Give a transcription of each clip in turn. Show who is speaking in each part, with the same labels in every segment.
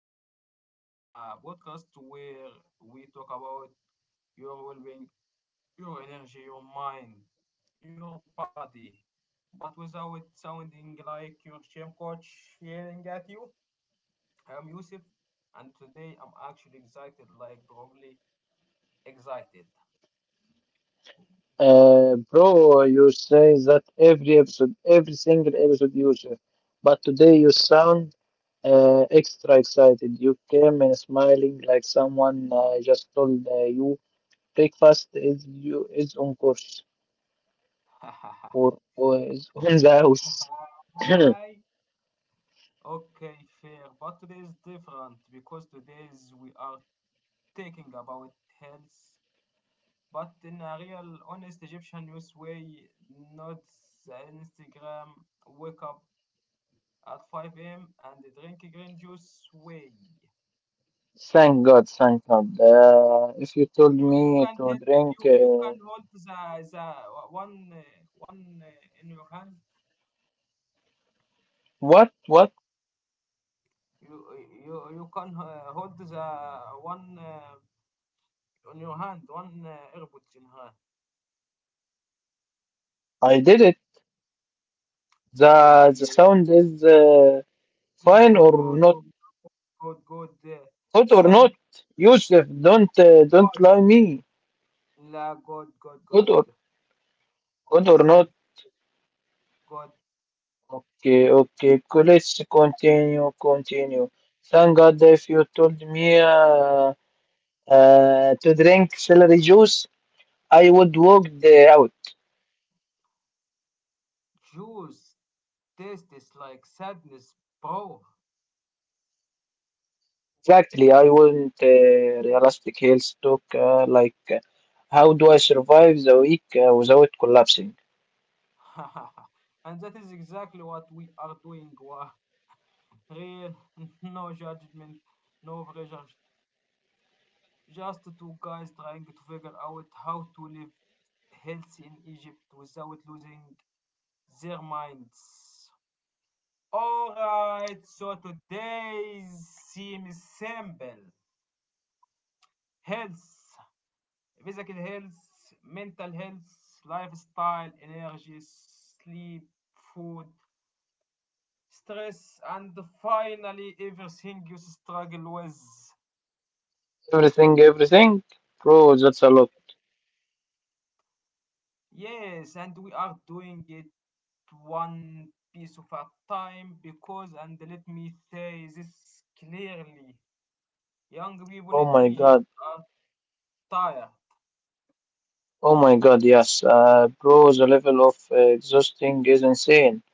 Speaker 1: episode of Health, the podcast where we talk about your well being, your energy, your mind, your body. But without it sounding like your gym coach yelling at you. I'm Yusuf, and today I'm actually excited, like probably excited.
Speaker 2: Bro, you say that every episode, every single episode, you say, but today you sound extra excited. You came and smiling like someone just told you breakfast is you is on course or is on the house.
Speaker 1: Hi. Okay, fair. But today is different because today is we are talking about health, but in a real, honest Egyptian news way, not the Instagram wake up at 5 a.m. and drink green juice way.
Speaker 2: Thank God, thank God. If you told
Speaker 1: You
Speaker 2: me
Speaker 1: can
Speaker 2: to
Speaker 1: help you
Speaker 2: drink,
Speaker 1: you can hold the one, one, in your hand.
Speaker 2: what, what?
Speaker 1: You you you can, hold the one, on your hand, one, airpods in hand.
Speaker 2: I did it.
Speaker 1: Yeah, yeah,
Speaker 2: The
Speaker 1: yeah, yeah,
Speaker 2: sound is
Speaker 1: good,
Speaker 2: fine
Speaker 1: good,
Speaker 2: or
Speaker 1: good,
Speaker 2: not?
Speaker 1: good, good, good,
Speaker 2: Good or
Speaker 1: thank
Speaker 2: not, Yusuf? Don't
Speaker 1: god,
Speaker 2: lie me.
Speaker 1: la god, god, god,
Speaker 2: Good
Speaker 1: god,
Speaker 2: or good or not?
Speaker 1: thank god.
Speaker 2: Okay, okay. Let's continue, continue. Thank God if you told me to drink celery juice, I would walk the out.
Speaker 1: Juice tastes is like sadness, bro.
Speaker 2: Exactly, I wouldn't realistic health talk how do I survive the week without collapsing?
Speaker 1: And that is exactly what we are doing, Wa. Real, no judgment, no pressure. Just two guys trying to figure out how to live healthy in Egypt without losing their minds. Alright, so today's theme is simple: health, physical health, mental health, lifestyle, energy, sleep, food, stress, and finally everything you struggle with.
Speaker 2: Everything, everything, bro. That's a lot.
Speaker 1: Yes, and we are doing it one piece of a time. Because, and let me say this clearly, young people in
Speaker 2: Oh my
Speaker 1: Egypt
Speaker 2: God.
Speaker 1: are tired.
Speaker 2: Oh my god, yes, bro, the level of exhausting is insane.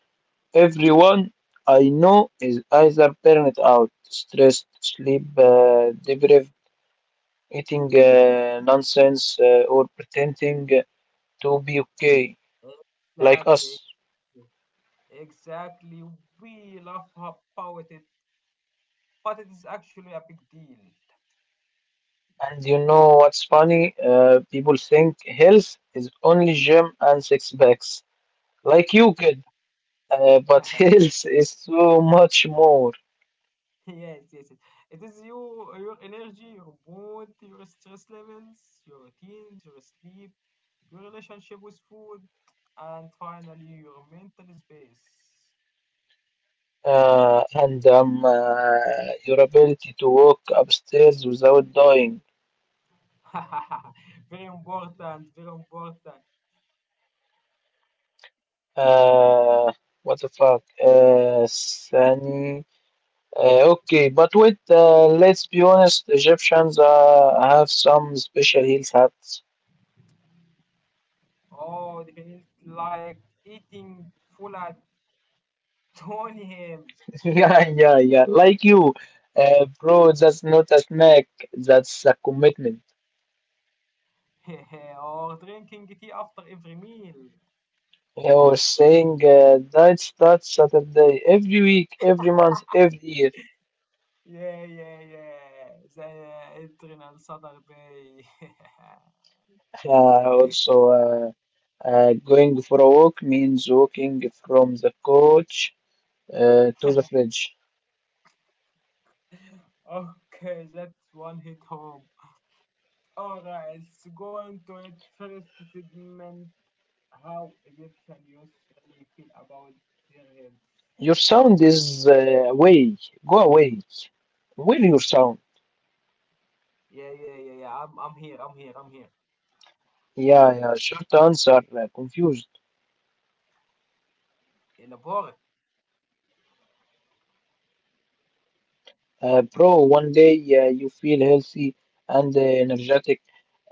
Speaker 2: Everyone I know is either burnt out, stressed, sleep deprived, eating nonsense, or pretending to be okay, like us.
Speaker 1: Exactly, exactly, we laugh about it, but it is actually a big deal.
Speaker 2: And you know what's funny? People think health is only gym and six packs, like you kid, but health is so much more.
Speaker 1: Yes, yes, yes. It is you, your energy, your mood, your stress levels, your routines, your sleep, your relationship with food, and finally your mental space.
Speaker 2: And Your ability to walk upstairs without dying.
Speaker 1: Very important, very important.
Speaker 2: Uh, what the fuck? Sunny. Okay, but wait, let's be honest, Egyptians have some special health habits.
Speaker 1: Oh, the penalty like eating full at 20.
Speaker 2: Yeah, yeah, yeah, like you. Bro, that's not a snack, that's a commitment.
Speaker 1: Or drinking tea after every meal.
Speaker 2: You're saying diet starts Saturday every week, every month, every year.
Speaker 1: Yeah, yeah, yeah. The adrenal Saturday.
Speaker 2: Uh, also, uh, Going for a walk means walking from the couch to the fridge.
Speaker 1: Okay, that's one hit home. Alright, let's go into it. First segment: how Egyptian youth really feel about their health.
Speaker 2: Your sound is away. Go away. Where your sound?
Speaker 1: Yeah, yeah, yeah, yeah. I'm here, I'm here, I'm here.
Speaker 2: Yeah, yeah. Short answer. Confused.
Speaker 1: Elaborate.
Speaker 2: Bro, one day you feel healthy and energetic.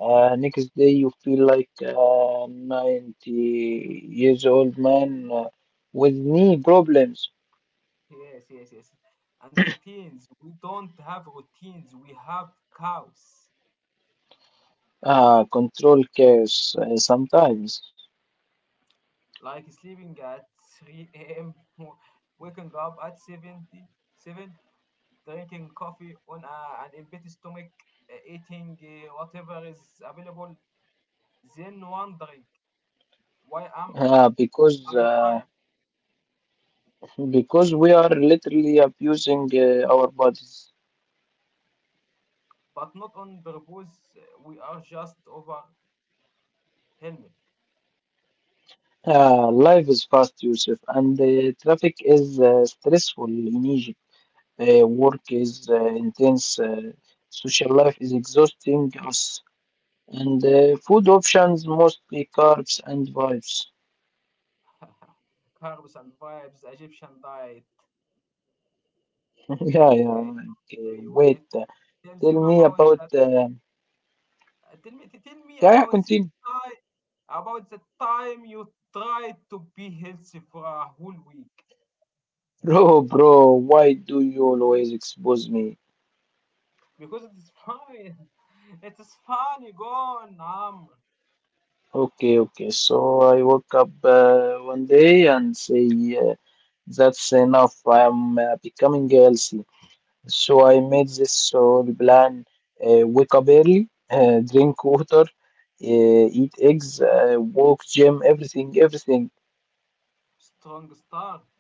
Speaker 2: Next day you feel like a 90 years old man with knee problems.
Speaker 1: Yes, yes, yes. And routines. We don't have routines. We have chaos.
Speaker 2: Ah, control chaos sometimes.
Speaker 1: Like sleeping at 3 a.m., waking up at 70, 7, drinking coffee on a, an empty stomach, eating whatever is available, then wondering why am
Speaker 2: Ah, because
Speaker 1: I
Speaker 2: uh,
Speaker 1: tired?
Speaker 2: because we are literally abusing our bodies.
Speaker 1: But not on purpose. We are just overwhelmed.
Speaker 2: Life is fast, Yusuf, and traffic is stressful in Egypt. Work is intense, social life is exhausting us, and food options mostly carbs and vibes.
Speaker 1: Carbs and vibes, Egyptian diet.
Speaker 2: Yeah, yeah.
Speaker 1: Okay,
Speaker 2: Okay, wait,
Speaker 1: wait. Tell
Speaker 2: tell
Speaker 1: them
Speaker 2: me
Speaker 1: about—
Speaker 2: about.
Speaker 1: Tell me
Speaker 2: Yeah, yeah, continue.
Speaker 1: about the time you tried to be healthy for a whole week.
Speaker 2: Bro, bro, why do you always expose me?
Speaker 1: Because it's fine. It is fun. You go on, Amr.
Speaker 2: Okay, okay. So I woke up one day and say, uh, that's enough. I am becoming healthy. So I made this whole plan: wake up early, drink water, eat eggs, walk, gym, everything, everything.
Speaker 1: Strong start.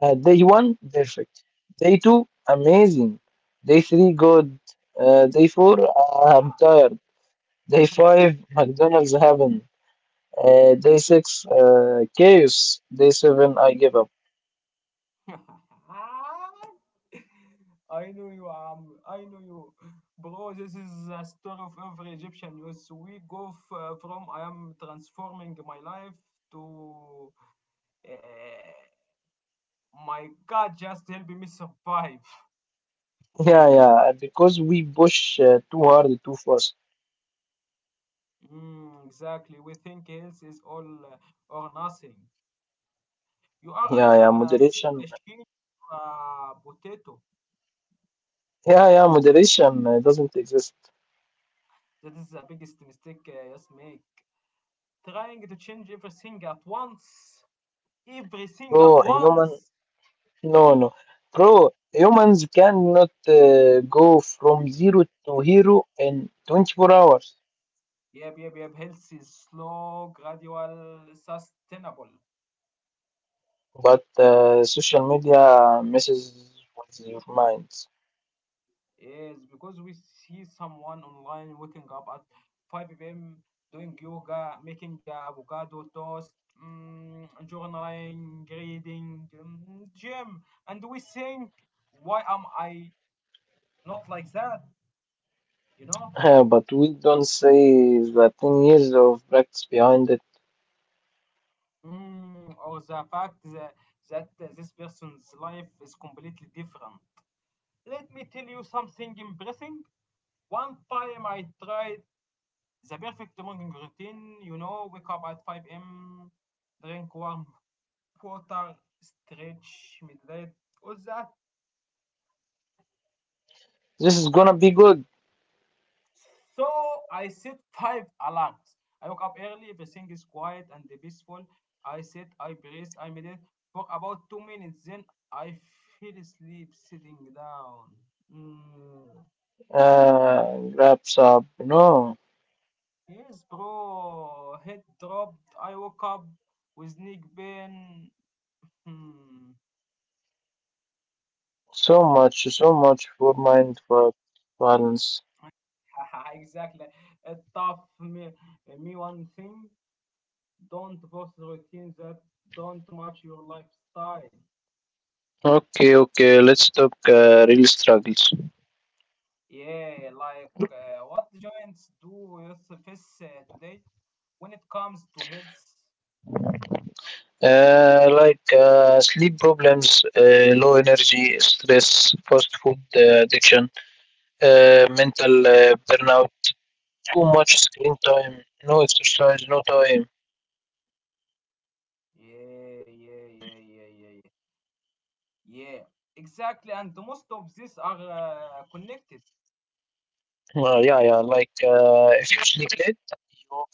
Speaker 2: Day one, perfect. Day two, amazing. Day three, good. Day four, I'm tired. Day five, McDonald's heaven. Day six, chaos. Day seven, I give up.
Speaker 1: I know you, Amr. I know you, bro. This is a story of every Egyptian youth. We go from I am transforming my life to, eh, my God, just help me survive.
Speaker 2: Yeah, yeah, because we push too hard, too fast.
Speaker 1: Mm, exactly. We think health is all, uh, or nothing. You are
Speaker 2: Yeah,
Speaker 1: either
Speaker 2: yeah,
Speaker 1: a gym
Speaker 2: moderation.
Speaker 1: machine or a potato.
Speaker 2: Yeah, yeah, moderation doesn't exist.
Speaker 1: That is the biggest mistake, yes make. Trying to change everything at once.
Speaker 2: Bro,
Speaker 1: Everything at
Speaker 2: human,
Speaker 1: once.
Speaker 2: no, no. Bro, humans cannot go from zero to hero in 24 hours.
Speaker 1: Yep, yep, yep. Health is slow, gradual, sustainable.
Speaker 2: But social media messes with your minds.
Speaker 1: Yes, because we see someone online waking up at 5 p.m. doing yoga, making avocado toast, mm, journaling, reading, mm, gym, and we think, why am I not like that? You know?
Speaker 2: But we don't say the 10 years of practice behind it.
Speaker 1: Mm, or the fact that, that this person's life is completely different. Let me tell you something embarrassing. One time I tried the perfect morning routine, you know, wake up at 5 a.m., drink warm water, stretch, meditate, all that.
Speaker 2: This is gonna be good.
Speaker 1: So I set five alarms. I woke up early, everything is quiet and peaceful. I sit, I breathe, I meditate for about 2 minutes, then I feel asleep sitting down. Mm.
Speaker 2: Wraps up, you know,
Speaker 1: Yes, bro, head dropped. I woke up with neck pain. Hmm.
Speaker 2: so much, so much for mindful balance.
Speaker 1: Exactly. It taught me, me one thing. Don't force routines that don't match your lifestyle.
Speaker 2: Okay, okay, let's talk real struggles.
Speaker 1: Yeah, like, what giants do with this, today when it comes to health.
Speaker 2: Sleep problems, low energy, stress, fast food addiction, mental burnout, too much screen time, no exercise, no time.
Speaker 1: Yeah, yeah, yeah, yeah, yeah, yeah. Yeah, exactly. And most of these are, connected.
Speaker 2: Yeah, yeah, like if you sleep late, you woke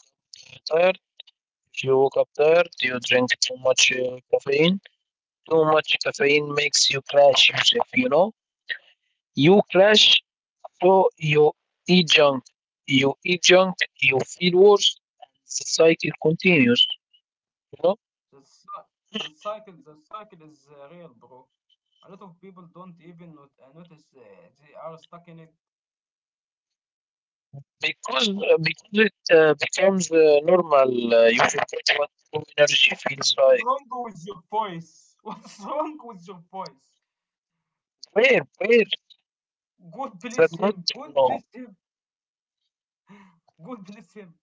Speaker 2: up tired. If you woke up tired, you drink too much caffeine. Too much caffeine makes you crash, Yusuf, you know? You crash, so you eat junk. You eat junk, you feel worse, and the cycle continues, you know?
Speaker 1: The, cy- the cycle, the cycle is, real, bro. A lot of people don't even not, notice, they are stuck in it.
Speaker 2: Because it becomes normal, you forget what true energy feels
Speaker 1: What's
Speaker 2: like.
Speaker 1: wrong with your voice? What's wrong with your voice?
Speaker 2: Where is
Speaker 1: God
Speaker 2: that
Speaker 1: bless
Speaker 2: good
Speaker 1: him.
Speaker 2: to
Speaker 1: God
Speaker 2: know?
Speaker 1: bless him. God bless him.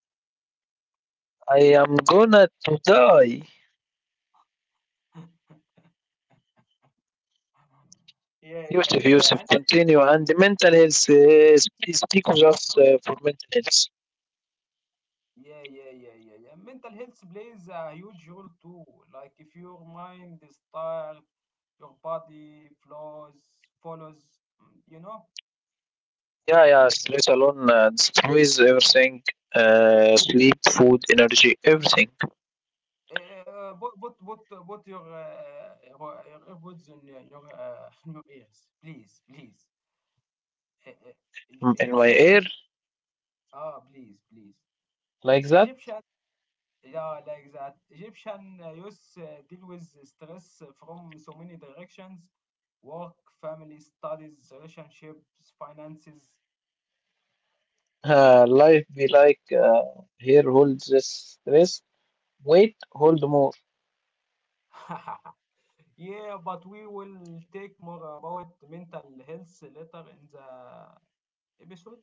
Speaker 2: I am gonna to die.
Speaker 1: Yeah, yeah,
Speaker 2: Yusuf,
Speaker 1: yeah, yeah.
Speaker 2: Yusuf,
Speaker 1: And
Speaker 2: continue. And the mental health is because of for mental health.
Speaker 1: yeah, yeah, yeah, yeah, yeah. Mental health plays a huge role too. Like if your mind is tired, your body flows, follows. Mm, you know.
Speaker 2: Yeah, yeah, stress alone. This always everything. Sleep, food, energy, everything.
Speaker 1: Uh, put put put put your, your earbuds in your, in your ears, please, please. Uh, uh,
Speaker 2: Mm, in my air,
Speaker 1: Egyptian, ah, please, please.
Speaker 2: like that.
Speaker 1: Egyptian— yeah, like that. Egyptian, youth, deal with stress from so many directions: work, family, studies, relationships, finances.
Speaker 2: Life be like here holds this stress. Wait, hold more.
Speaker 1: Yeah, but we will take more about mental health later in the episode.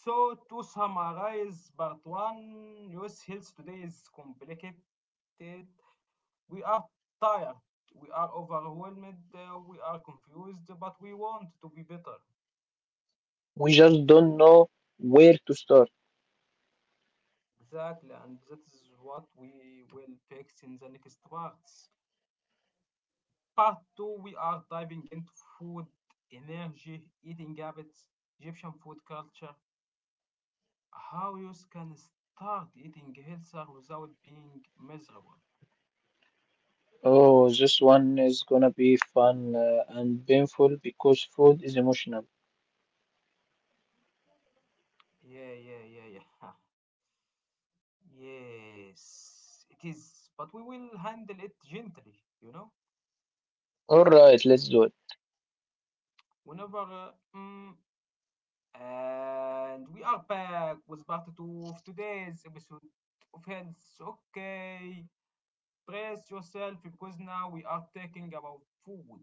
Speaker 1: So, to summarize part one, youth health today is complicated. We are tired, we are overwhelmed, we are confused, but we want to be better.
Speaker 2: We just don't know where to start.
Speaker 1: Exactly, and that is what we will fix in the next parts. Part 2, we are diving into food, energy, eating habits, Egyptian food culture, how you can start eating healthier without being miserable.
Speaker 2: Oh, this one is gonna be fun and painful because food is emotional.
Speaker 1: Yeah, yeah, yeah, yeah. Yes, it is, but we will handle it gently, you know?
Speaker 2: All right, let's do it.
Speaker 1: Whenever, mm, and we are back with part two of today's episode of Health. Okay, brace yourself because now we are talking about food.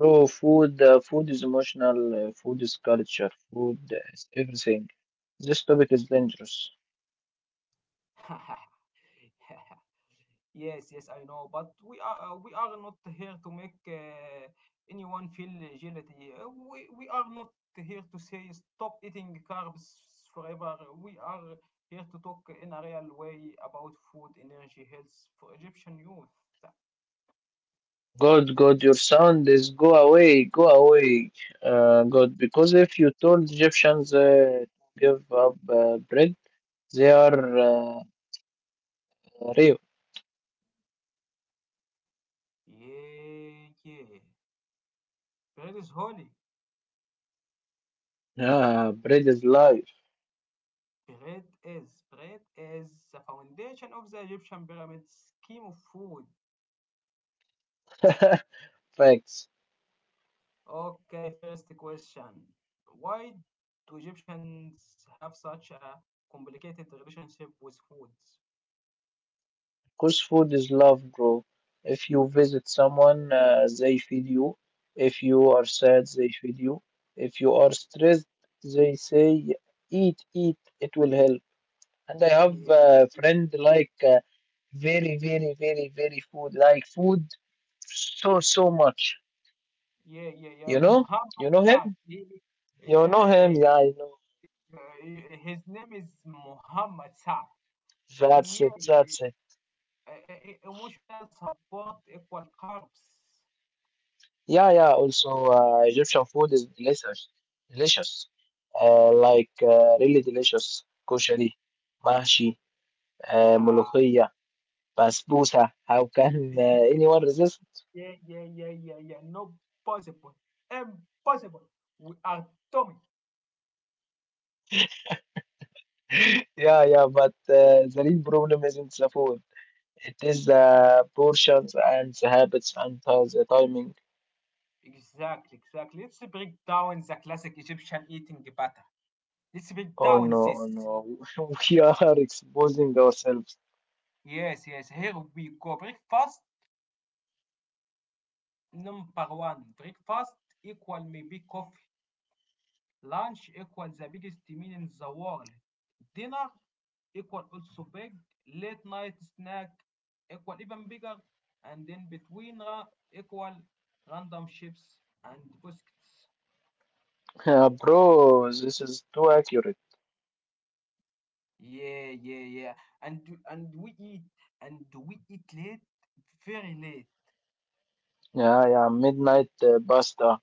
Speaker 2: Oh, food. Food is emotional. Food is culture. Food is everything. This topic is dangerous.
Speaker 1: Yes, yes, I know, but we are, we are not here to make, anyone feel guilty. We are not here to say stop eating carbs forever. We are here to talk in a real way about food, energy, health for Egyptian youth.
Speaker 2: God, God, your sound is go away, God, because if you told Egyptians to give up bread, they are real.
Speaker 1: Yeah, yeah. Bread is holy.
Speaker 2: Ah, bread is life.
Speaker 1: Bread is— bread is the foundation of the Egyptian pyramid scheme of food.
Speaker 2: Facts.
Speaker 1: Okay, first question. Why do Egyptians have such a complicated relationship with food?
Speaker 2: Because food is love, bro. If you visit someone, they feed you. If you are sad, they feed you. If you are stressed, they say, "Yeah, eat, eat, it will help. And I have
Speaker 1: Yeah,
Speaker 2: a friend like very, very, very, very food. Like food so, so much.
Speaker 1: yeah, yeah,
Speaker 2: You
Speaker 1: yeah.
Speaker 2: know? You know
Speaker 1: Muhammad
Speaker 2: him?
Speaker 1: Saad. He,
Speaker 2: You know him?
Speaker 1: yeah,
Speaker 2: Yeah, I know.
Speaker 1: he- his name is Muhammad Saad.
Speaker 2: That's it.
Speaker 1: Yeah,
Speaker 2: That's
Speaker 1: yeah.
Speaker 2: it.
Speaker 1: Emotional support equal carbs.
Speaker 2: Yeah, yeah. Also, Egyptian food is delicious. Delicious. Really delicious. Koshari, mahshi,
Speaker 1: Ha.
Speaker 2: ملوخية, basbousa. How can anyone resist?
Speaker 1: Yeah, yeah, yeah, yeah, yeah. No possible. Impossible. We are dummy.
Speaker 2: Yeah, yeah, but the real problem isn't the food. It is the portions and the habits and the timing.
Speaker 1: Exactly, exactly. Let's break down the classic Egyptian eating pattern. Let's break
Speaker 2: Oh
Speaker 1: down
Speaker 2: no, oh
Speaker 1: this.
Speaker 2: no, we are exposing ourselves.
Speaker 1: Yes, yes. Here we go. Breakfast number one. Breakfast equal maybe coffee. Lunch equals the biggest meal in the world. Dinner equal also big. Late night snack equal even bigger. And in between equal random chips and biscuits.
Speaker 2: Yeah, bro, this is too accurate.
Speaker 1: Yeah, yeah, yeah. And and we eat we eat late, very late.
Speaker 2: Yeah, yeah, midnight pasta,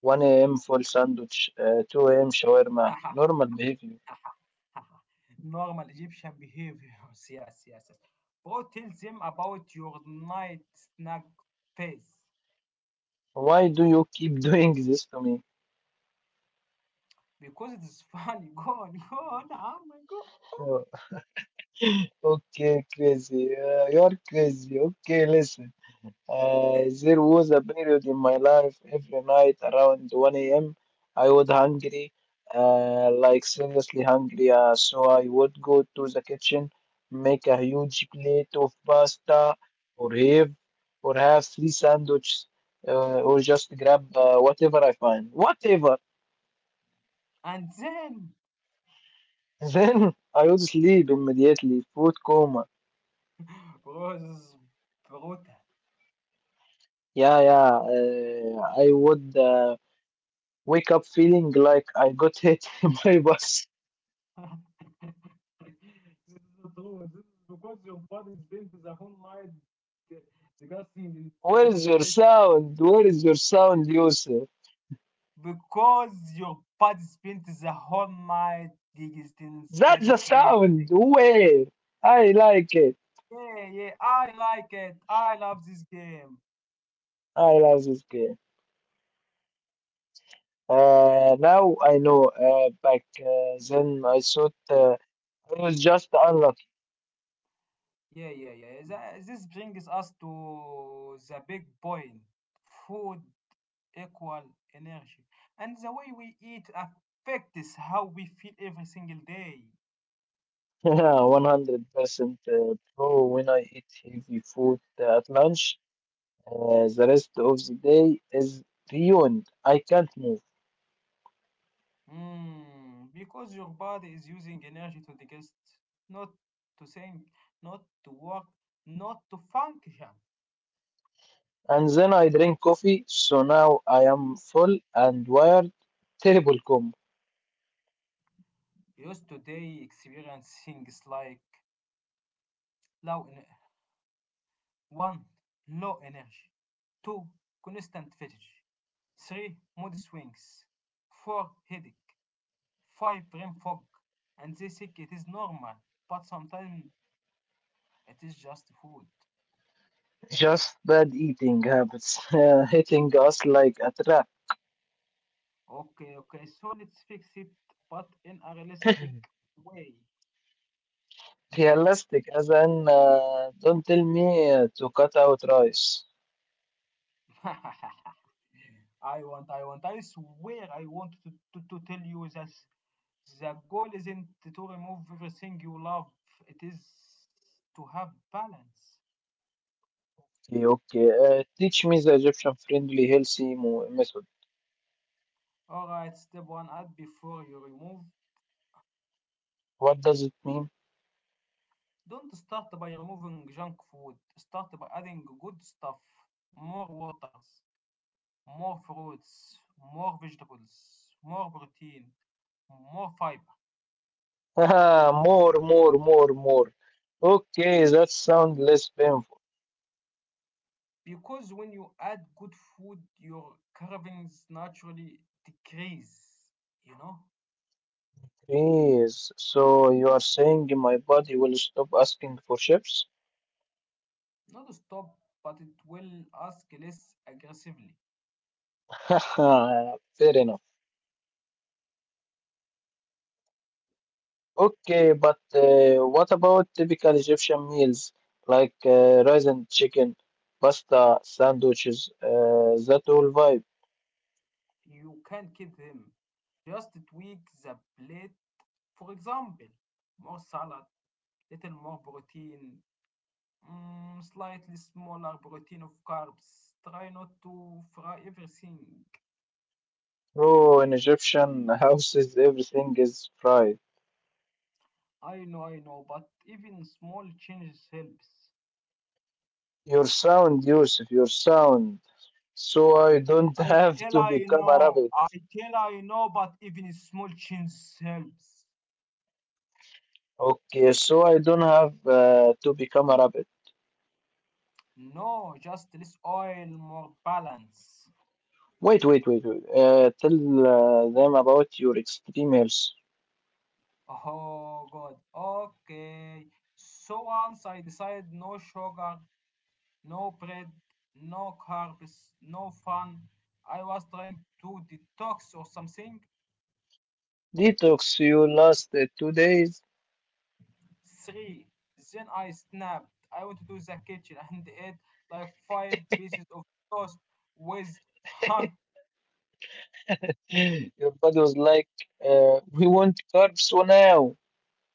Speaker 2: 1 a.m. full sandwich, 2 a.m. shawarma. Normal behavior.
Speaker 1: Normal Egyptian behaviors. Yes, yes, yes. Bro, tell them about your night snack phase.
Speaker 2: Why do you keep doing this to me?
Speaker 1: Because it is funny. Go on, go on, عم, go.
Speaker 2: Okay, crazy. You're crazy. Okay, listen. There was a period in my life every night around 1 a.m. I was hungry, like seriously hungry. So I would go to the kitchen, make a huge plate of pasta, or have, or have three sandwiches, or just grab whatever I find. Whatever.
Speaker 1: And then—
Speaker 2: Then I would sleep immediately, food coma.
Speaker 1: bro, this is brutal.
Speaker 2: Yeah, yeah. I would wake up feeling like I got hit by bus.
Speaker 1: This is the truth. This is because your body spent the whole night disgusting
Speaker 2: Where
Speaker 1: instead of
Speaker 2: is your
Speaker 1: rest.
Speaker 2: sound? Where is your sound, Yusuf?
Speaker 1: Because your body spent the whole night digesting instead
Speaker 2: That's the
Speaker 1: of
Speaker 2: sound.
Speaker 1: resting.
Speaker 2: Where? I like it.
Speaker 1: Yeah, yeah, I like it. I love this game.
Speaker 2: I love this game. Now I know. Back then I thought I was just unlucky.
Speaker 1: Yeah, yeah, yeah. This brings us to the big point. Food equal energy. And the way we eat affects how we feel every single day.
Speaker 2: 100% pro when I eat heavy food at lunch. The rest of the day is ruined. I can't move.
Speaker 1: Mm, because your body is using energy to digest, not to think, not to work, not to function.
Speaker 2: And then I drink coffee, so now I am full and wired. Terrible combo.
Speaker 1: Used today experience things like low one, low energy, two, constant fatigue, three, mood swings, four, headache, five, brain fog, and they think it is normal, but sometimes it is just food.
Speaker 2: Just bad eating habits hitting us like a trap.
Speaker 1: Okay, okay, so let's fix it, but in a realistic way.
Speaker 2: Realistic, as in, don't tell me to cut out rice.
Speaker 1: I want, I want, I swear I want to tell you that the goal isn't to remove everything you love, it is to have balance.
Speaker 2: Okay, okay. Teach me the Egyptian friendly healthy method.
Speaker 1: Alright, step one: add before you remove.
Speaker 2: What does it mean?
Speaker 1: Don't start by removing junk food, start by adding good stuff: more waters, more fruits, more vegetables, more protein, more fiber.
Speaker 2: Haha, more, more, more, more. Okay, that sounds less painful.
Speaker 1: Because when you add good food, your cravings naturally decrease, you know?
Speaker 2: Please. So you are saying my body will stop asking for chips?
Speaker 1: Not stop, but it will ask less aggressively.
Speaker 2: Haha, fair enough. Okay, but what about typical Egyptian meals like rice and chicken, pasta, sandwiches, that whole vibe?
Speaker 1: You can keep them. Just tweak the plate. For example, more salad, little more protein, mm, slightly smaller protein of carbs. Try not to fry everything.
Speaker 2: Bro, in Egyptian houses, everything is fried.
Speaker 1: I know, but even small changes helps.
Speaker 2: Your sound, Yusuf, your sound. So I don't
Speaker 1: I
Speaker 2: have
Speaker 1: tell
Speaker 2: to
Speaker 1: I
Speaker 2: become a
Speaker 1: know,
Speaker 2: rabbit.
Speaker 1: I tell I know, but even small changes helps.
Speaker 2: Okay, so I don't have to become a rabbit.
Speaker 1: No, just less oil, more balance.
Speaker 2: Wait, wait, wait, wait. Tell them about your extreme health
Speaker 1: Oh God, okay. So once I decide no sugar, no bread, no carbs, no fun, I was trying to detox or something.
Speaker 2: detox. You lasted 2 days.
Speaker 1: Three. Then I snapped. I went to the kitchen and ate like five pieces of toast with honey.
Speaker 2: Your body was like, we want carbs now.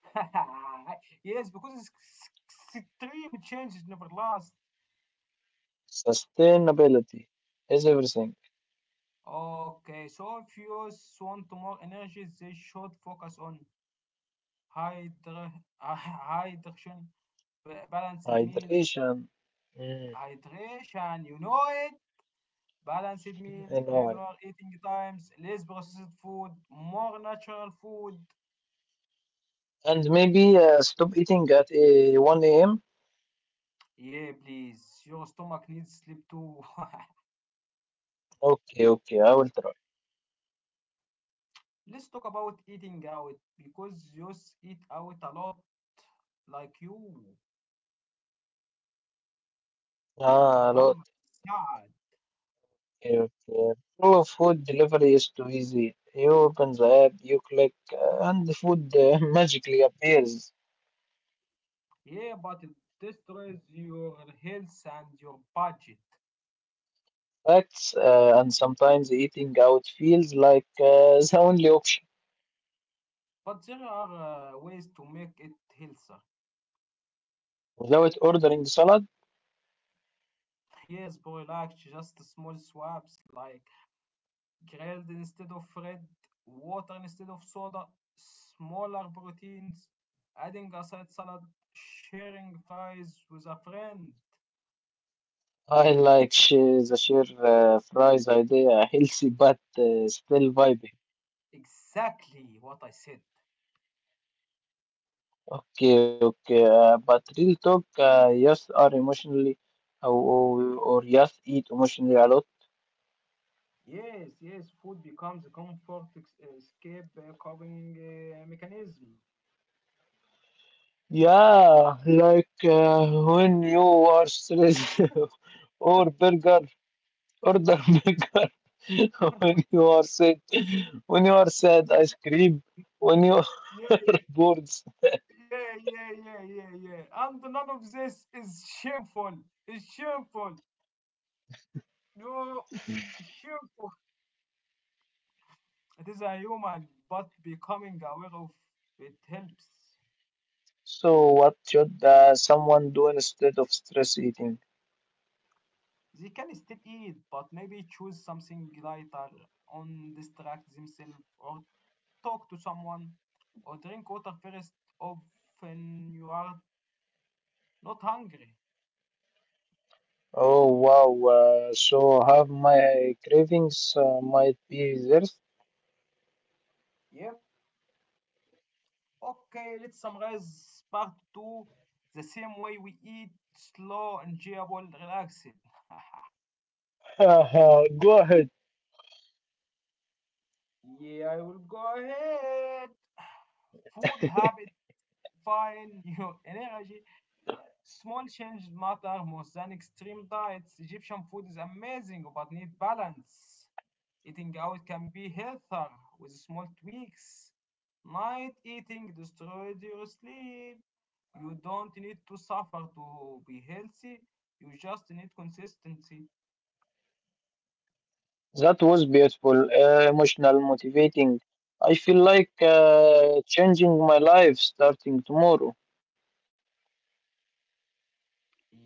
Speaker 1: Yes, because extreme changes never last.
Speaker 2: Sustainability is everything.
Speaker 1: Okay, so if you want more energy, they should focus on hydra hydration, balanced meals,
Speaker 2: Hydration. Mm,
Speaker 1: hydration. You know it. Balanced meal,
Speaker 2: I know. It.
Speaker 1: regular eating times, less processed food, more natural food.
Speaker 2: And maybe stop eating at 1 a.m.
Speaker 1: Yeah, please. Your stomach needs sleep too.
Speaker 2: Okay, okay, I will try.
Speaker 1: Let's talk about eating out because you eat out a lot, like you, like
Speaker 2: Ah, a lot.
Speaker 1: Muhammad Saad.
Speaker 2: Okay, okay. Pro food delivery is too easy. You open the app, you click, and the food magically appears.
Speaker 1: Yeah, but it destroys your health and your budget.
Speaker 2: Facts, and sometimes eating out feels like the only option.
Speaker 1: But there are, ways to make it healthier.
Speaker 2: Without ordering salad,
Speaker 1: Yes, bro, like just small swaps like grilled instead of red, water instead of soda, smaller proteins, adding a side salad, sharing fries with a friend.
Speaker 2: I like the share fries idea, healthy but still vibing.
Speaker 1: Exactly what I said.
Speaker 2: Okay, okay, but real talk, yes, are emotionally or yes, eat emotionally a lot.
Speaker 1: Yes, yes, food becomes a comfort escape, coping mechanism.
Speaker 2: Yeah, like when you are stressed or burger, order burger. When you are sick, when you are sad, ice cream. When you are
Speaker 1: Yeah,
Speaker 2: bored,
Speaker 1: yeah. And none of this is shameful. It's shameful. No, shameful. It is a human, but becoming aware of it helps.
Speaker 2: so what should someone do instead of stress eating?
Speaker 1: They can still eat, but maybe choose something lighter, on distract themselves, or talk to someone, or drink water first of when you are not hungry.
Speaker 2: Oh wow, so have my cravings might be theirs.
Speaker 1: Yep. Okay, let's summarize part two the same way we eat slow, enjoyable, relaxed.
Speaker 2: Go ahead.
Speaker 1: yeah, I will go ahead. Food habit, find your energy Small changes matter more than extreme diets. Egyptian food is amazing but need balance. Eating out can be healthier with small tweaks. Night eating destroys your sleep. You don't need to suffer to be healthy. You just need consistency.
Speaker 2: That was beautiful, emotional, motivating. I feel like changing my life starting tomorrow.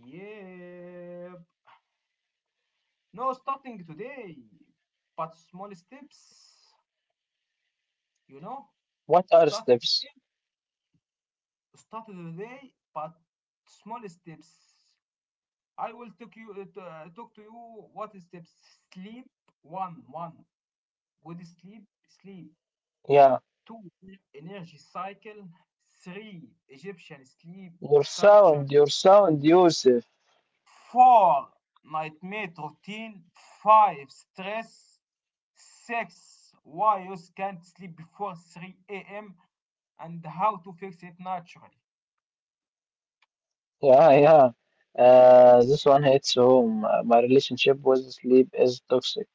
Speaker 1: Yep. No, starting today, but small steps. You know,
Speaker 2: What are
Speaker 1: start today,
Speaker 2: steps?
Speaker 1: start today, but small steps. I will talk you talk to you what is steps. Sleep. One. Good sleep, sleep.
Speaker 2: Yeah,
Speaker 1: Two, energy cycle. Three, Egyptian sleep culture.
Speaker 2: your sound, Yusuf.
Speaker 1: Four, nightmare routine. Five, stress. Six, why you can't sleep before 3 a.m. and how to fix it naturally.
Speaker 2: Yeah, yeah. This one hits home. My relationship with sleep is toxic.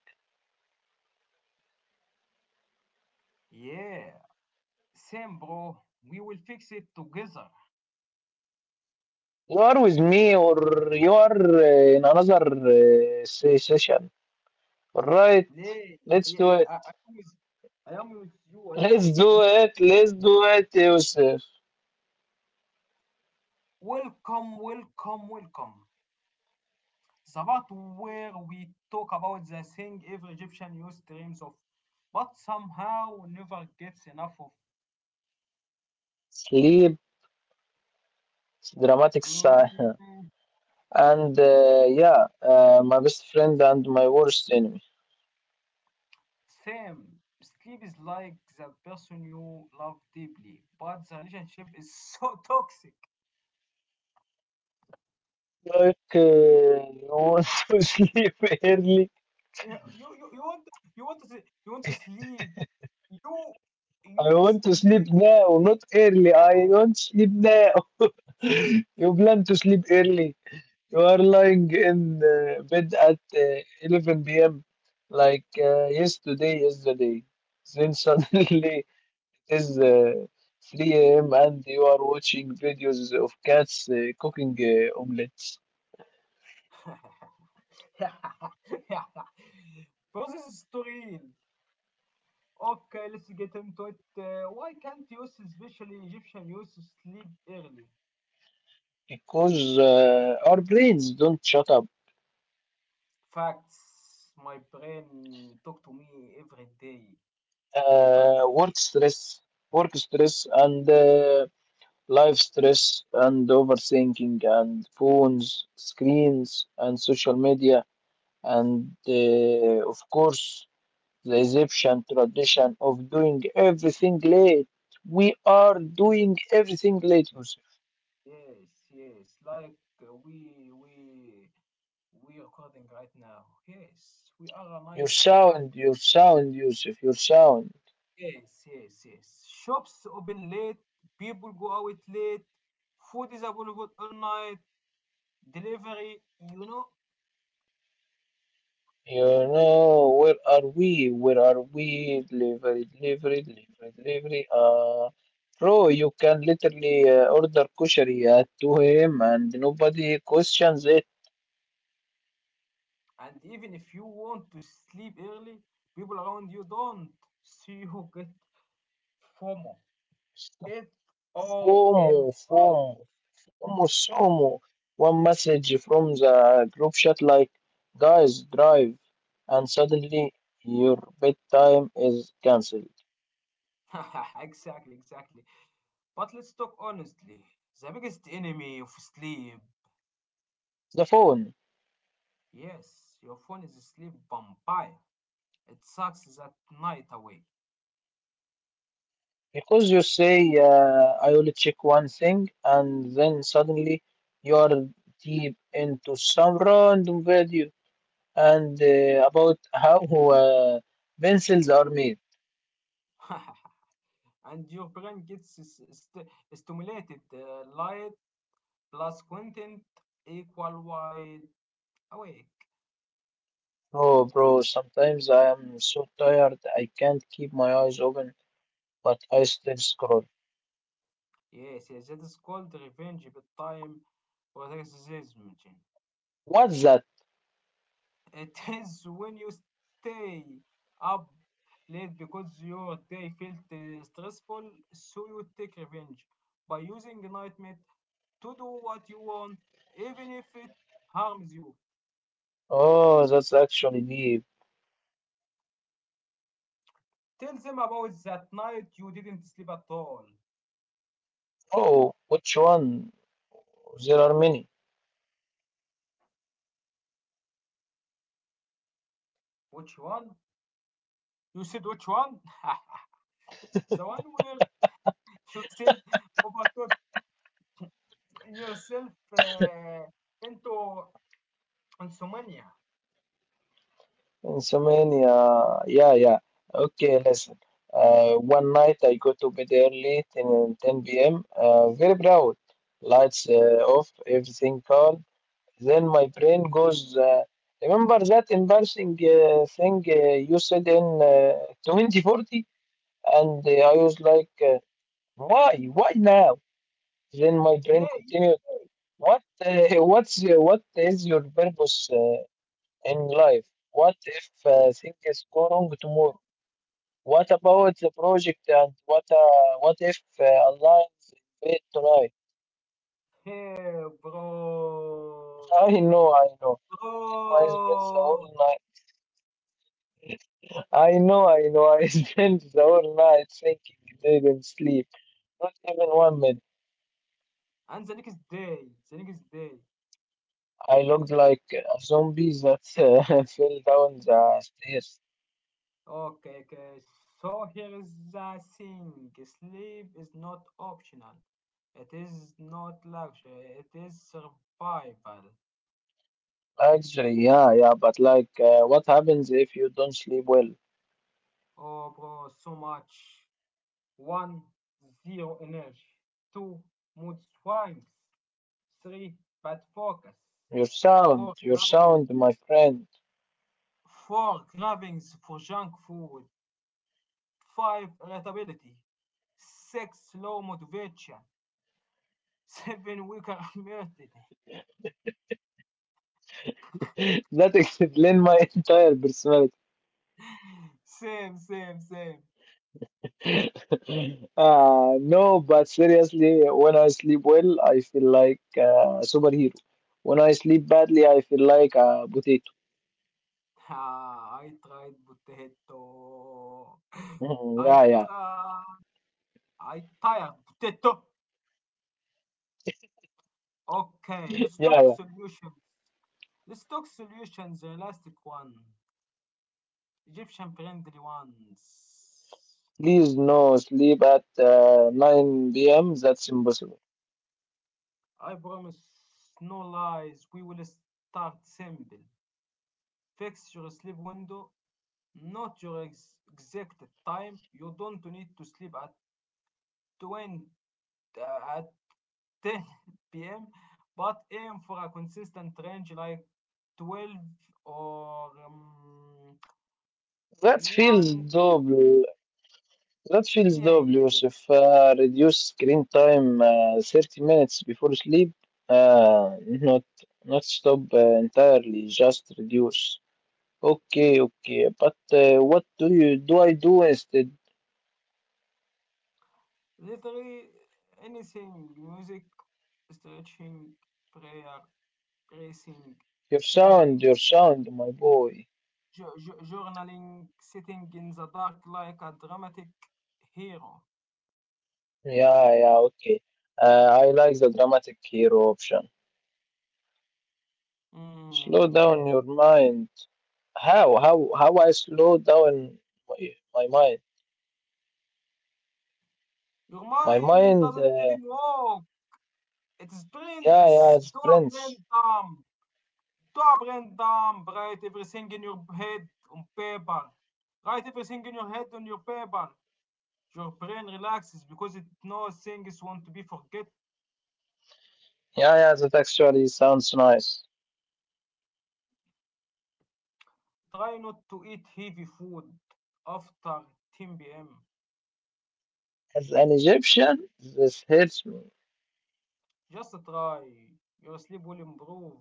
Speaker 1: Yeah, same, bro. We will fix it together.
Speaker 2: You are with me, or you are in another session. All right,
Speaker 1: ليه yeah,
Speaker 2: let's
Speaker 1: yeah,
Speaker 2: do
Speaker 1: yeah.
Speaker 2: it.
Speaker 1: I am with you. I am
Speaker 2: Let's
Speaker 1: with
Speaker 2: do
Speaker 1: you.
Speaker 2: it. Let's do it, Yusuf.
Speaker 1: Welcome, welcome, welcome, the part where we talk about the thing every Egyptian youth dreams of but somehow never gets enough of.
Speaker 2: Sleep, dramatic sigh.
Speaker 1: Mm,
Speaker 2: And yeah, my best friend and my worst enemy.
Speaker 1: same. Sleep is like the person you love deeply, but the relationship is so toxic.
Speaker 2: Like, you want to sleep early?
Speaker 1: You want, you want to, you want to sleep, you you
Speaker 2: I want to sleep
Speaker 1: sleep
Speaker 2: now,
Speaker 1: really
Speaker 2: not early. I
Speaker 1: bad.
Speaker 2: don't sleep now. You plan to sleep early. You are lying in bed at 11 p.m. like yesterday, yesterday. Then suddenly it is 3 a.m. and you are watching videos of cats cooking omelets
Speaker 1: Process story. Okay, let's get into it. Why can't youth, especially Egyptian youth, sleep early?
Speaker 2: because our brains don't shut up.
Speaker 1: Facts. My brain talk to me every day.
Speaker 2: Uh,
Speaker 1: Facts.
Speaker 2: work stress, work stress, and life stress, and overthinking, and phones, screens, and social media, and of course, the Egyptian tradition of doing everything late. We are doing everything late.
Speaker 1: Yes, yes. Like we recording right now. Yes, we are a night culture.
Speaker 2: Your sound, Yusuf, your sound.
Speaker 1: Yes, yes, yes. Shops open late. People go out late. Food is available all night. Delivery, you know.
Speaker 2: You know, where are we? Where are we? Delivery, delivery, delivery, delivery. Bro, you can literally order kushari at 2 a.m. and nobody questions it.
Speaker 1: And even if you want to sleep early, people around you don't see you get FOMO. It's OMO.
Speaker 2: FOMO, FOMO, FOMO, SOMO. One message from the group chat like, guys, drive. And suddenly your bedtime is cancelled.
Speaker 1: Exactly, exactly. But let's talk honestly. The biggest enemy of sleep.
Speaker 2: The phone.
Speaker 1: Yes, your phone is a sleep vampire. It sucks that night away.
Speaker 2: Because you say, I will check one thing, and then suddenly you're deep into some random video and about how uh, pencils are made.
Speaker 1: And your brain gets stimulated. Light plus content equal wide awake.
Speaker 2: Oh, bro, sometimes I am so tired I can't keep my eyes open, but I still scroll.
Speaker 1: Yes, yes, that is called revenge but time or racism. Jim.
Speaker 2: What's that?
Speaker 1: It is when you stay up late because your day felt stressful, so you take revenge by using nightmare to do what you want, even if it harms you.
Speaker 2: Oh, that's actually deep.
Speaker 1: Tell them about that night you didn't sleep at all.
Speaker 2: Oh, which one? There are many.
Speaker 1: Which one? You said which one? The one where you said overthought yourself into Consumania.
Speaker 2: Insomnia. Yeah, yeah. Okay, listen. One night I go to bed early, ten p.m. Very proud. Lights off, everything calm. Then my brain goes, remember that embarrassing thing you said in 2040? And I was like, why? Why now? Then my
Speaker 1: Yeah,
Speaker 2: brain
Speaker 1: yeah,
Speaker 2: continued, what, what's, your- what is your purpose in life? What if things go wrong tomorrow? What about the project and what if aliens invade tonight?
Speaker 1: bro.
Speaker 2: I know. I spent the whole
Speaker 1: Bro.
Speaker 2: night. I know, I know. I spent the whole night thinking, didn't sleep. Not even 1 minute.
Speaker 1: And the next day, the next day.
Speaker 2: I looked like a zombie that fell down the stairs.
Speaker 1: Okay, okay. So here is the thing. Sleep is not optional. It is not luxury. It is survival.
Speaker 2: Actually, yeah, yeah, but like, what happens if you don't sleep well?
Speaker 1: Oh, bro, so much. One, zero energy. Two, mood swings. Three, bad focus. Four,
Speaker 2: Your
Speaker 1: grabbing.
Speaker 2: sound, my friend.
Speaker 1: 4. Cravings for junk food. 5. Irritability. 6. Low motivation. 7. Weaker immunity.
Speaker 2: That explains my entire personality.
Speaker 1: Same, same, same.
Speaker 2: No, but seriously, when I sleep well, I feel like a superhero. When I sleep badly, I feel like a potato.
Speaker 1: Ah, I tried potato.
Speaker 2: Mhm,
Speaker 1: I
Speaker 2: yeah, yeah,
Speaker 1: tried. I tired potato. Okay,
Speaker 2: yeah,
Speaker 1: let's talk
Speaker 2: yeah.
Speaker 1: solutions. Let's talk solutions, the elastic one. Egyptian friendly ones.
Speaker 2: Please, no sleep at 9 p.m. That's impossible.
Speaker 1: I promise, no lies. We will start simple. Fix your sleep window, not your exact time. You don't need to sleep at 20, at 10 p.m., but aim for a consistent range like 12 or
Speaker 2: That feels
Speaker 1: 1.
Speaker 2: double. That feels
Speaker 1: Yeah,
Speaker 2: double,
Speaker 1: yeah.
Speaker 2: Yusuf. Reduce screen time 30 minutes before sleep. Uh, not Not stop entirely, just reduce. Okay, okay, but what do I do instead?
Speaker 1: Literally anything: music, stretching, prayer, racing, thinking,
Speaker 2: Your sound, my boy.
Speaker 1: journaling, sitting in the dark like a dramatic hero.
Speaker 2: Yeah, yeah, okay. I like the dramatic hero option. Slow
Speaker 1: Mm.
Speaker 2: down your mind. How I slow down my mind?
Speaker 1: Your
Speaker 2: My
Speaker 1: mind
Speaker 2: mind,
Speaker 1: doesn't
Speaker 2: uh,
Speaker 1: even work. It is
Speaker 2: yeah, yeah,
Speaker 1: plentis.
Speaker 2: it sprints.
Speaker 1: Doppelendam. Doppelendam. Write everything in your head on paper. Write everything in your head on your paper. Your brain relaxes because it knows things want to be forget.
Speaker 2: Yeah, yeah, that actually sounds nice.
Speaker 1: Try not to eat heavy food after 10 p.m.
Speaker 2: As an Egyptian, this hits me.
Speaker 1: Just try. Your sleep will improve.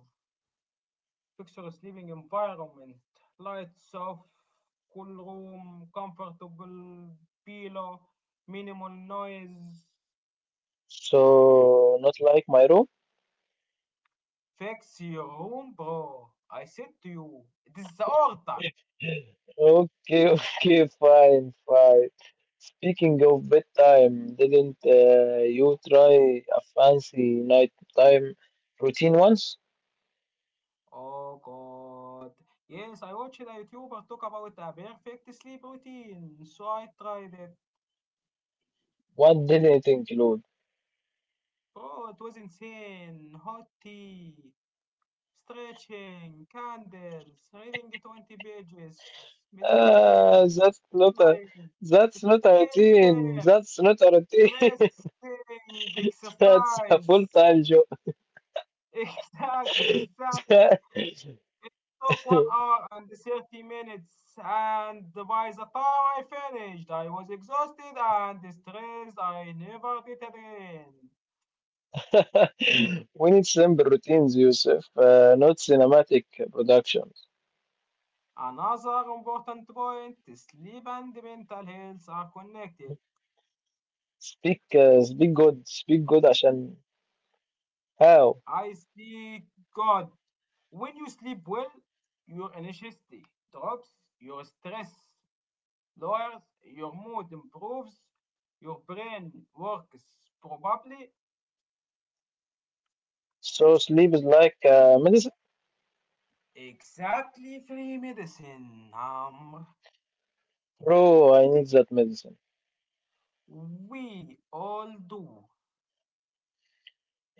Speaker 1: Fixtures, living environment, lights off, cool room, comfortable pillow, minimal noise.
Speaker 2: So, not like my room.
Speaker 1: Fix your room, bro. I said to you, it is the order.
Speaker 2: Okay, okay, fine, fine. Speaking of bedtime, didn't you try a fancy nighttime routine once?
Speaker 1: Oh god. Yes, I watched a YouTuber talk about a perfect sleep routine, so I tried it.
Speaker 2: What did it include?
Speaker 1: Bro, it was insane. Hot tea, stretching, candles, reading 20 pages, meditating.
Speaker 2: Ah, that's not a
Speaker 1: Swimming,
Speaker 2: that's not a routine.
Speaker 1: skincare,
Speaker 2: That's not a routine.
Speaker 1: pressing,
Speaker 2: That's a
Speaker 1: exercise.
Speaker 2: full-time job.
Speaker 1: Exactly, exactly. Took 1 hour and 30 minutes, and by the time I finished, I was exhausted and stressed. I never did it again.
Speaker 2: We need simple routines, Yusuf, not cinematic productions.
Speaker 1: Another important point: sleep and mental health are connected.
Speaker 2: Speak good عشان how?
Speaker 1: I speak God. When you sleep well, your anxiety drops, your stress lowers, your mood improves, your brain works probably.
Speaker 2: So sleep is like medicine?
Speaker 1: Exactly, free medicine, Amr.
Speaker 2: Bro, I need that medicine.
Speaker 1: We all do.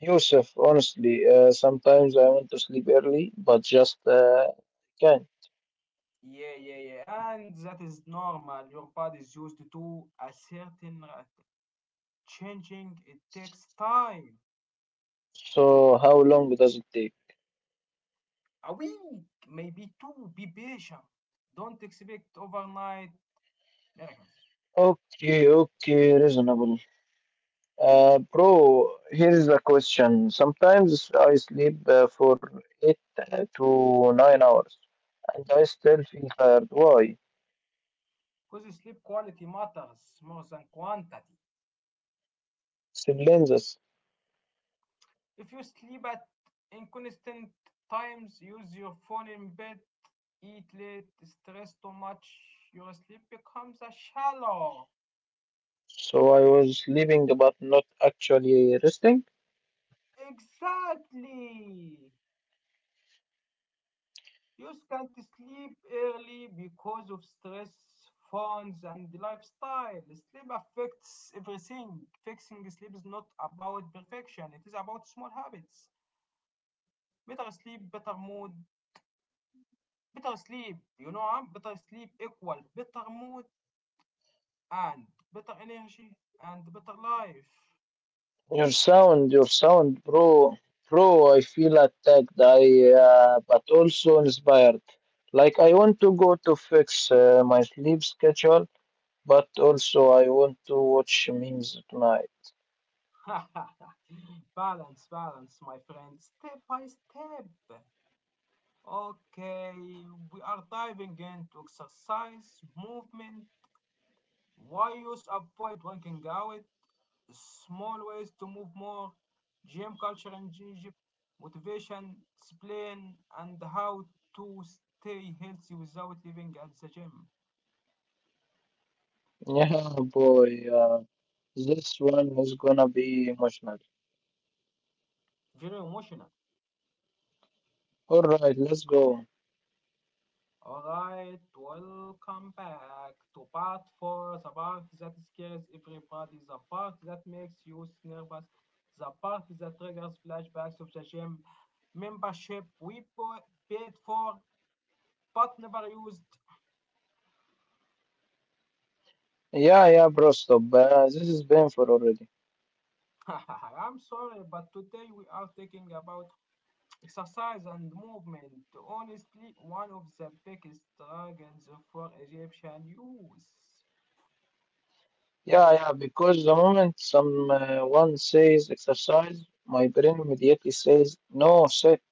Speaker 2: Yusuf, honestly, sometimes I want to sleep early, but just can't.
Speaker 1: Yeah, yeah, yeah. And that is normal. Your body is used to a certain rate. Changing it takes time.
Speaker 2: So how long does it take?
Speaker 1: A week, maybe two. Be patient. Don't expect overnight miracles.
Speaker 2: Okay, okay, reasonable. Bro, here is the question. Sometimes I sleep for eight to 9 hours, and I still feel tired. Why?
Speaker 1: Because sleep quality matters more than quantity.
Speaker 2: Silences.
Speaker 1: If you sleep at inconsistent times, use your phone in bed, eat late, stress too much, your sleep becomes a shallow.
Speaker 2: So I was sleeping, but not actually resting.
Speaker 1: Exactly. You can't sleep early because of stress, phones, and lifestyle. Sleep affects everything. Fixing sleep is not about perfection, it is about small habits. Better sleep, better mood. Better sleep, you know, huh? Better sleep equal better mood, and better energy and better life.
Speaker 2: Your sound, bro, bro. I feel attacked. I but also inspired. Like I want to go to fix my sleep schedule, but also I want to watch memes at night.
Speaker 1: Balance, balance, my friend, step by step. Okay, we are diving into exercise, movement, why use avoid working out, small ways to move more, gym culture in Egypt, motivation, discipline, and how to stay healthy without living at the gym.
Speaker 2: Yeah, boy. This one is gonna be emotional.
Speaker 1: Very emotional.
Speaker 2: All right, let's go.
Speaker 1: All right, welcome back to part four, the part that scares everybody, the part that makes you nervous, the part that triggers flashbacks of the gym membership we paid for but never used.
Speaker 2: Yeah, yeah, bro. Stop. This is painful already.
Speaker 1: I'm sorry, but today we are talking about exercise and movement. Honestly, one of the biggest struggles for Egyptian youth.
Speaker 2: Yeah, yeah. Because the moment someone says exercise, my brain immediately says no, sit.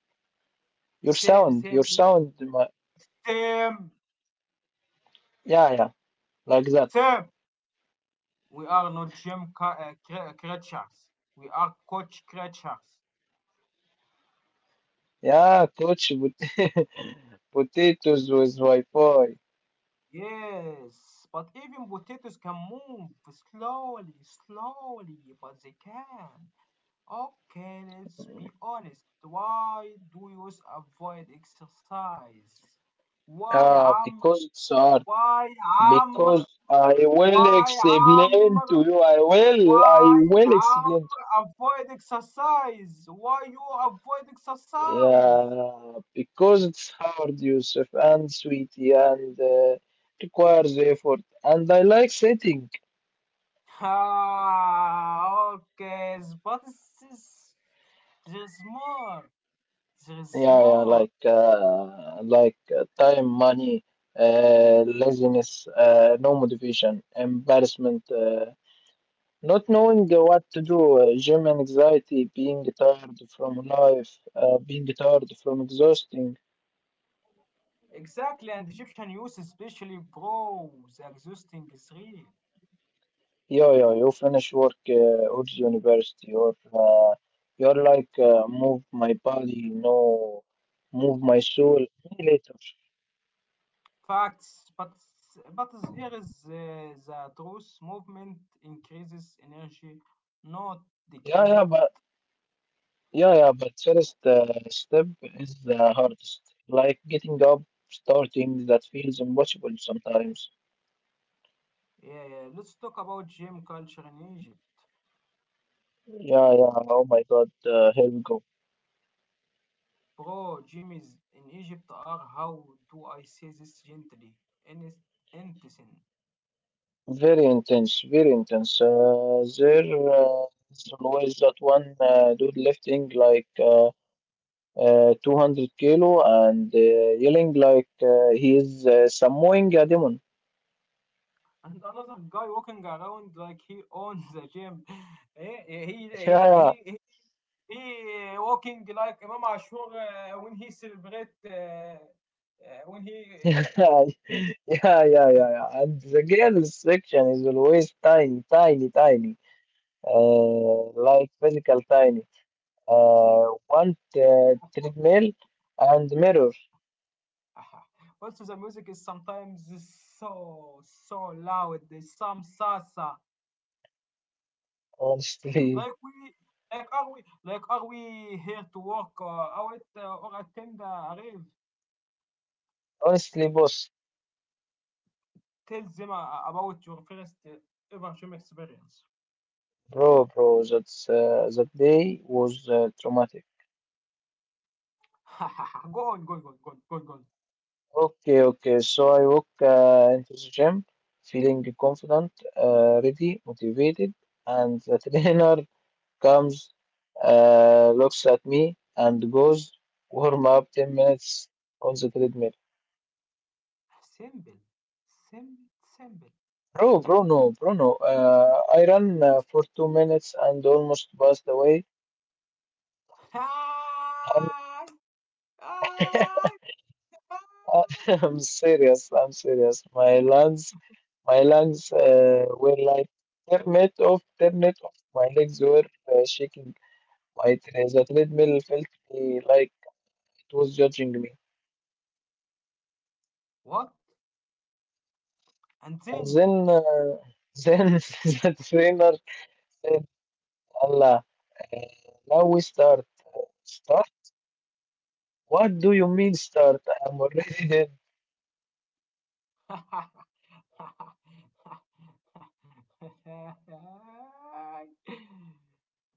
Speaker 2: Your
Speaker 1: Same,
Speaker 2: sound,
Speaker 1: same,
Speaker 2: your sound, my,
Speaker 1: same,
Speaker 2: yeah, yeah, like that.
Speaker 1: same. We are not gym creatures. We are coach creatures.
Speaker 2: Yeah, touch but potatoes with Wi-Fi.
Speaker 1: Yes, but even potatoes can move slowly, slowly, but they can. Okay, let's be honest. Why do you avoid exercise? Why,
Speaker 2: Ah,
Speaker 1: Amr?
Speaker 2: because it's hard.
Speaker 1: Why, Amr?
Speaker 2: Because I will
Speaker 1: Why,
Speaker 2: explain to
Speaker 1: Amr?
Speaker 2: you. I
Speaker 1: Why
Speaker 2: will explain. To
Speaker 1: Amr avoid exercise? Why you avoid exercise?
Speaker 2: yeah, because it's hard, Yusuf, and sweetie, and requires effort. And I like setting.
Speaker 1: Ah, okay, but there's more. There's
Speaker 2: Yeah, yeah,
Speaker 1: more.
Speaker 2: like time, money, laziness, no motivation, embarrassment, not knowing what to do, gym anxiety, being tired from life, being tired from exhausting.
Speaker 1: Exactly, and Egyptian youth especially, bro, the existing is real.
Speaker 2: Yeah, yeah, you finish work or university, or you're like move my body, no, move my soul. Me later.
Speaker 1: Facts, but here is the truth. Movement increases energy, not
Speaker 2: Yeah,
Speaker 1: decrease
Speaker 2: yeah,
Speaker 1: it.
Speaker 2: but. Yeah, yeah, but first step is the hardest. Like getting up, starting, that feels impossible sometimes.
Speaker 1: Yeah, yeah. Let's talk about gym culture in Egypt.
Speaker 2: Yeah, yeah, oh my God, here we go.
Speaker 1: Bro, gym is in Egypt are, how do I say this gently? Innocent.
Speaker 2: Very intense, very intense. There is always that one dude lifting like 200 kilo and yelling like he is Samoing a demon.
Speaker 1: And another guy walking around like he owns the gym. he, he, he, he, he walking like Imam Ashur when he celebrate, when he...
Speaker 2: Yeah, yeah, yeah, yeah, yeah, yeah. And the girls section is always tiny, tiny, tiny. Like physical tiny. Want treadmill and mirror.
Speaker 1: Uh, also the music is sometimes so, so loud. There's some salsa.
Speaker 2: Honestly,
Speaker 1: Like we... Like, are we here to work out or attend a rave?
Speaker 2: honestly, boss,
Speaker 1: Tell them about your first ever gym experience.
Speaker 2: bro, bro, that's that day was traumatic.
Speaker 1: Go on, go on, go on, go on, go on.
Speaker 2: Okay, okay. So I walk into the gym feeling confident, ready, motivated, and the trainer comes, looks at me, and goes, warm up 10 minutes on the treadmill.
Speaker 1: Simple. Simple. Simple.
Speaker 2: Bro, no. I ran for 2 minutes and almost passed away. I'm, I'm serious. I'm serious. My lungs were like turn it off, turn it off. My legs were shaking. The treadmill felt me like it was judging me.
Speaker 1: What? And
Speaker 2: And
Speaker 1: then?
Speaker 2: then, then the trainer said, "Allah, uh, now we start. Start? What do you mean start? I'm already dead."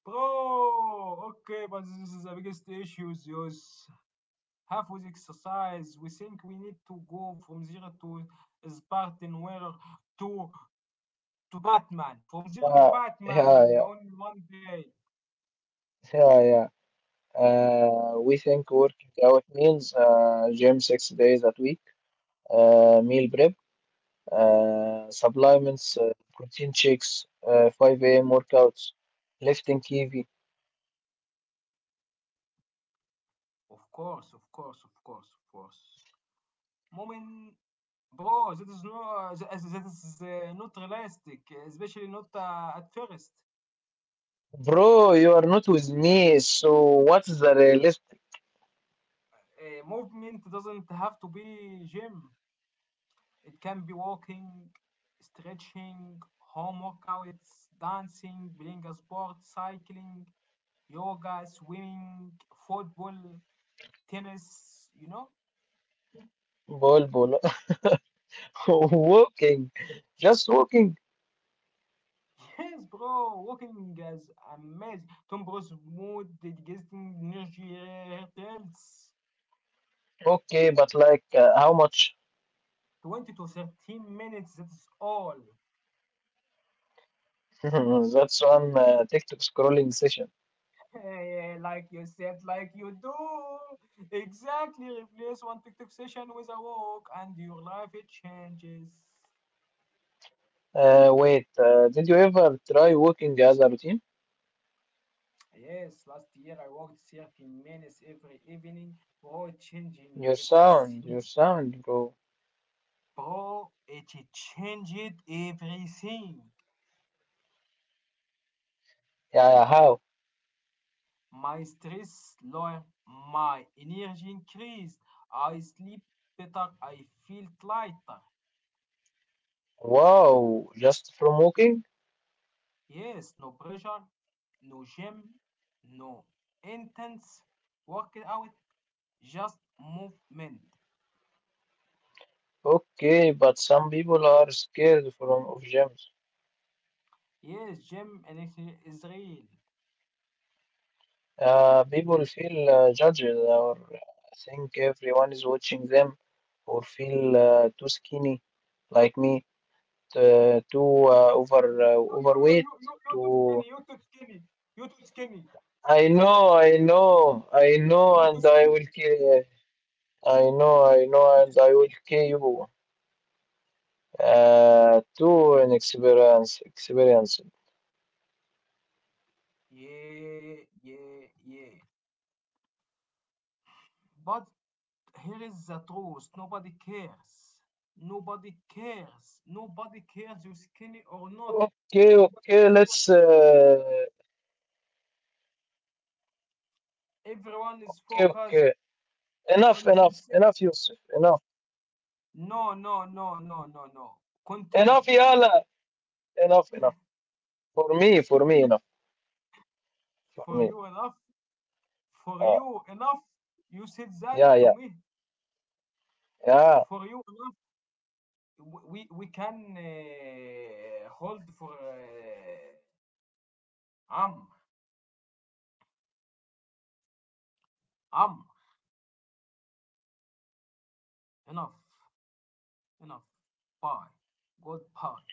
Speaker 1: Bro, okay, but this is the biggest issue. Zeus. Half with exercise, we think we need to go from zero to Spartan, where to to Batman, from zero to
Speaker 2: Yeah. Yeah,
Speaker 1: Batman
Speaker 2: yeah.
Speaker 1: on one day.
Speaker 2: Yeah, yeah. We think working out means, gym 6 days a week, meal prep, supplements, protein shakes, 5 a.m. workouts, lifting heavy.
Speaker 1: Of course, of course, of course, of course. Moment, bro, that is not realistic, especially not at first.
Speaker 2: Bro, you are not with me, so what's the realist
Speaker 1: Movement doesn't have to be gym. It can be walking, stretching, home workouts, dancing, playing a sport, cycling, yoga, swimming, football, tennis, you know?
Speaker 2: ball ball. Walking, just walking.
Speaker 1: Yes, bro, walking is amazing. Tom Bros mood, digesting energy, heart health.
Speaker 2: Okay, but like, how much?
Speaker 1: 20 to 30 minutes, that's all.
Speaker 2: That's one TikTok scrolling session.
Speaker 1: Like you said, like you do. Exactly. Replace one TikTok session with a walk, and your life it changes.
Speaker 2: Wait, did you ever try walking as a routine?
Speaker 1: Yes, last year I walked 30 minutes every evening, bro, changing
Speaker 2: Your
Speaker 1: everything.
Speaker 2: sound, bro.
Speaker 1: Bro, it changed everything.
Speaker 2: Yeah, yeah, how?
Speaker 1: My stress lower, my energy increased, I sleep better, I feel lighter.
Speaker 2: Wow, just from walking?
Speaker 1: Yes, no pressure, no gym, no intense workout, just movement.
Speaker 2: Okay, but some people are scared from of gyms.
Speaker 1: Yes, gym in Israel.
Speaker 2: People feel judged or think everyone is watching them or feel too skinny like me, too over
Speaker 1: You, you, you,
Speaker 2: overweight,
Speaker 1: you, you, you too
Speaker 2: too
Speaker 1: skinny. You too skinny. You too skinny.
Speaker 2: I know, I know,
Speaker 1: You too
Speaker 2: and I will
Speaker 1: skinny.
Speaker 2: kill. I know,
Speaker 1: You too
Speaker 2: and I will
Speaker 1: skinny.
Speaker 2: kill you. To an experience
Speaker 1: Yeah, yeah, yeah. But here is the truth. Nobody cares. Nobody cares. Nobody cares you skinny or not.
Speaker 2: okay,
Speaker 1: Nobody
Speaker 2: okay, let's
Speaker 1: cares. Everyone is
Speaker 2: okay,
Speaker 1: focused
Speaker 2: okay,
Speaker 1: on themselves.
Speaker 2: enough, Yusuf, enough,
Speaker 1: No, no, no, no, no, no.
Speaker 2: enough,
Speaker 1: Continue.
Speaker 2: Yala, enough for me, enough for
Speaker 1: For
Speaker 2: me,
Speaker 1: you enough. For
Speaker 2: uh,
Speaker 1: you enough. You said that to
Speaker 2: yeah
Speaker 1: me.
Speaker 2: yeah
Speaker 1: For you enough. We can hold for um um enough, enough. Bye. Goodbye.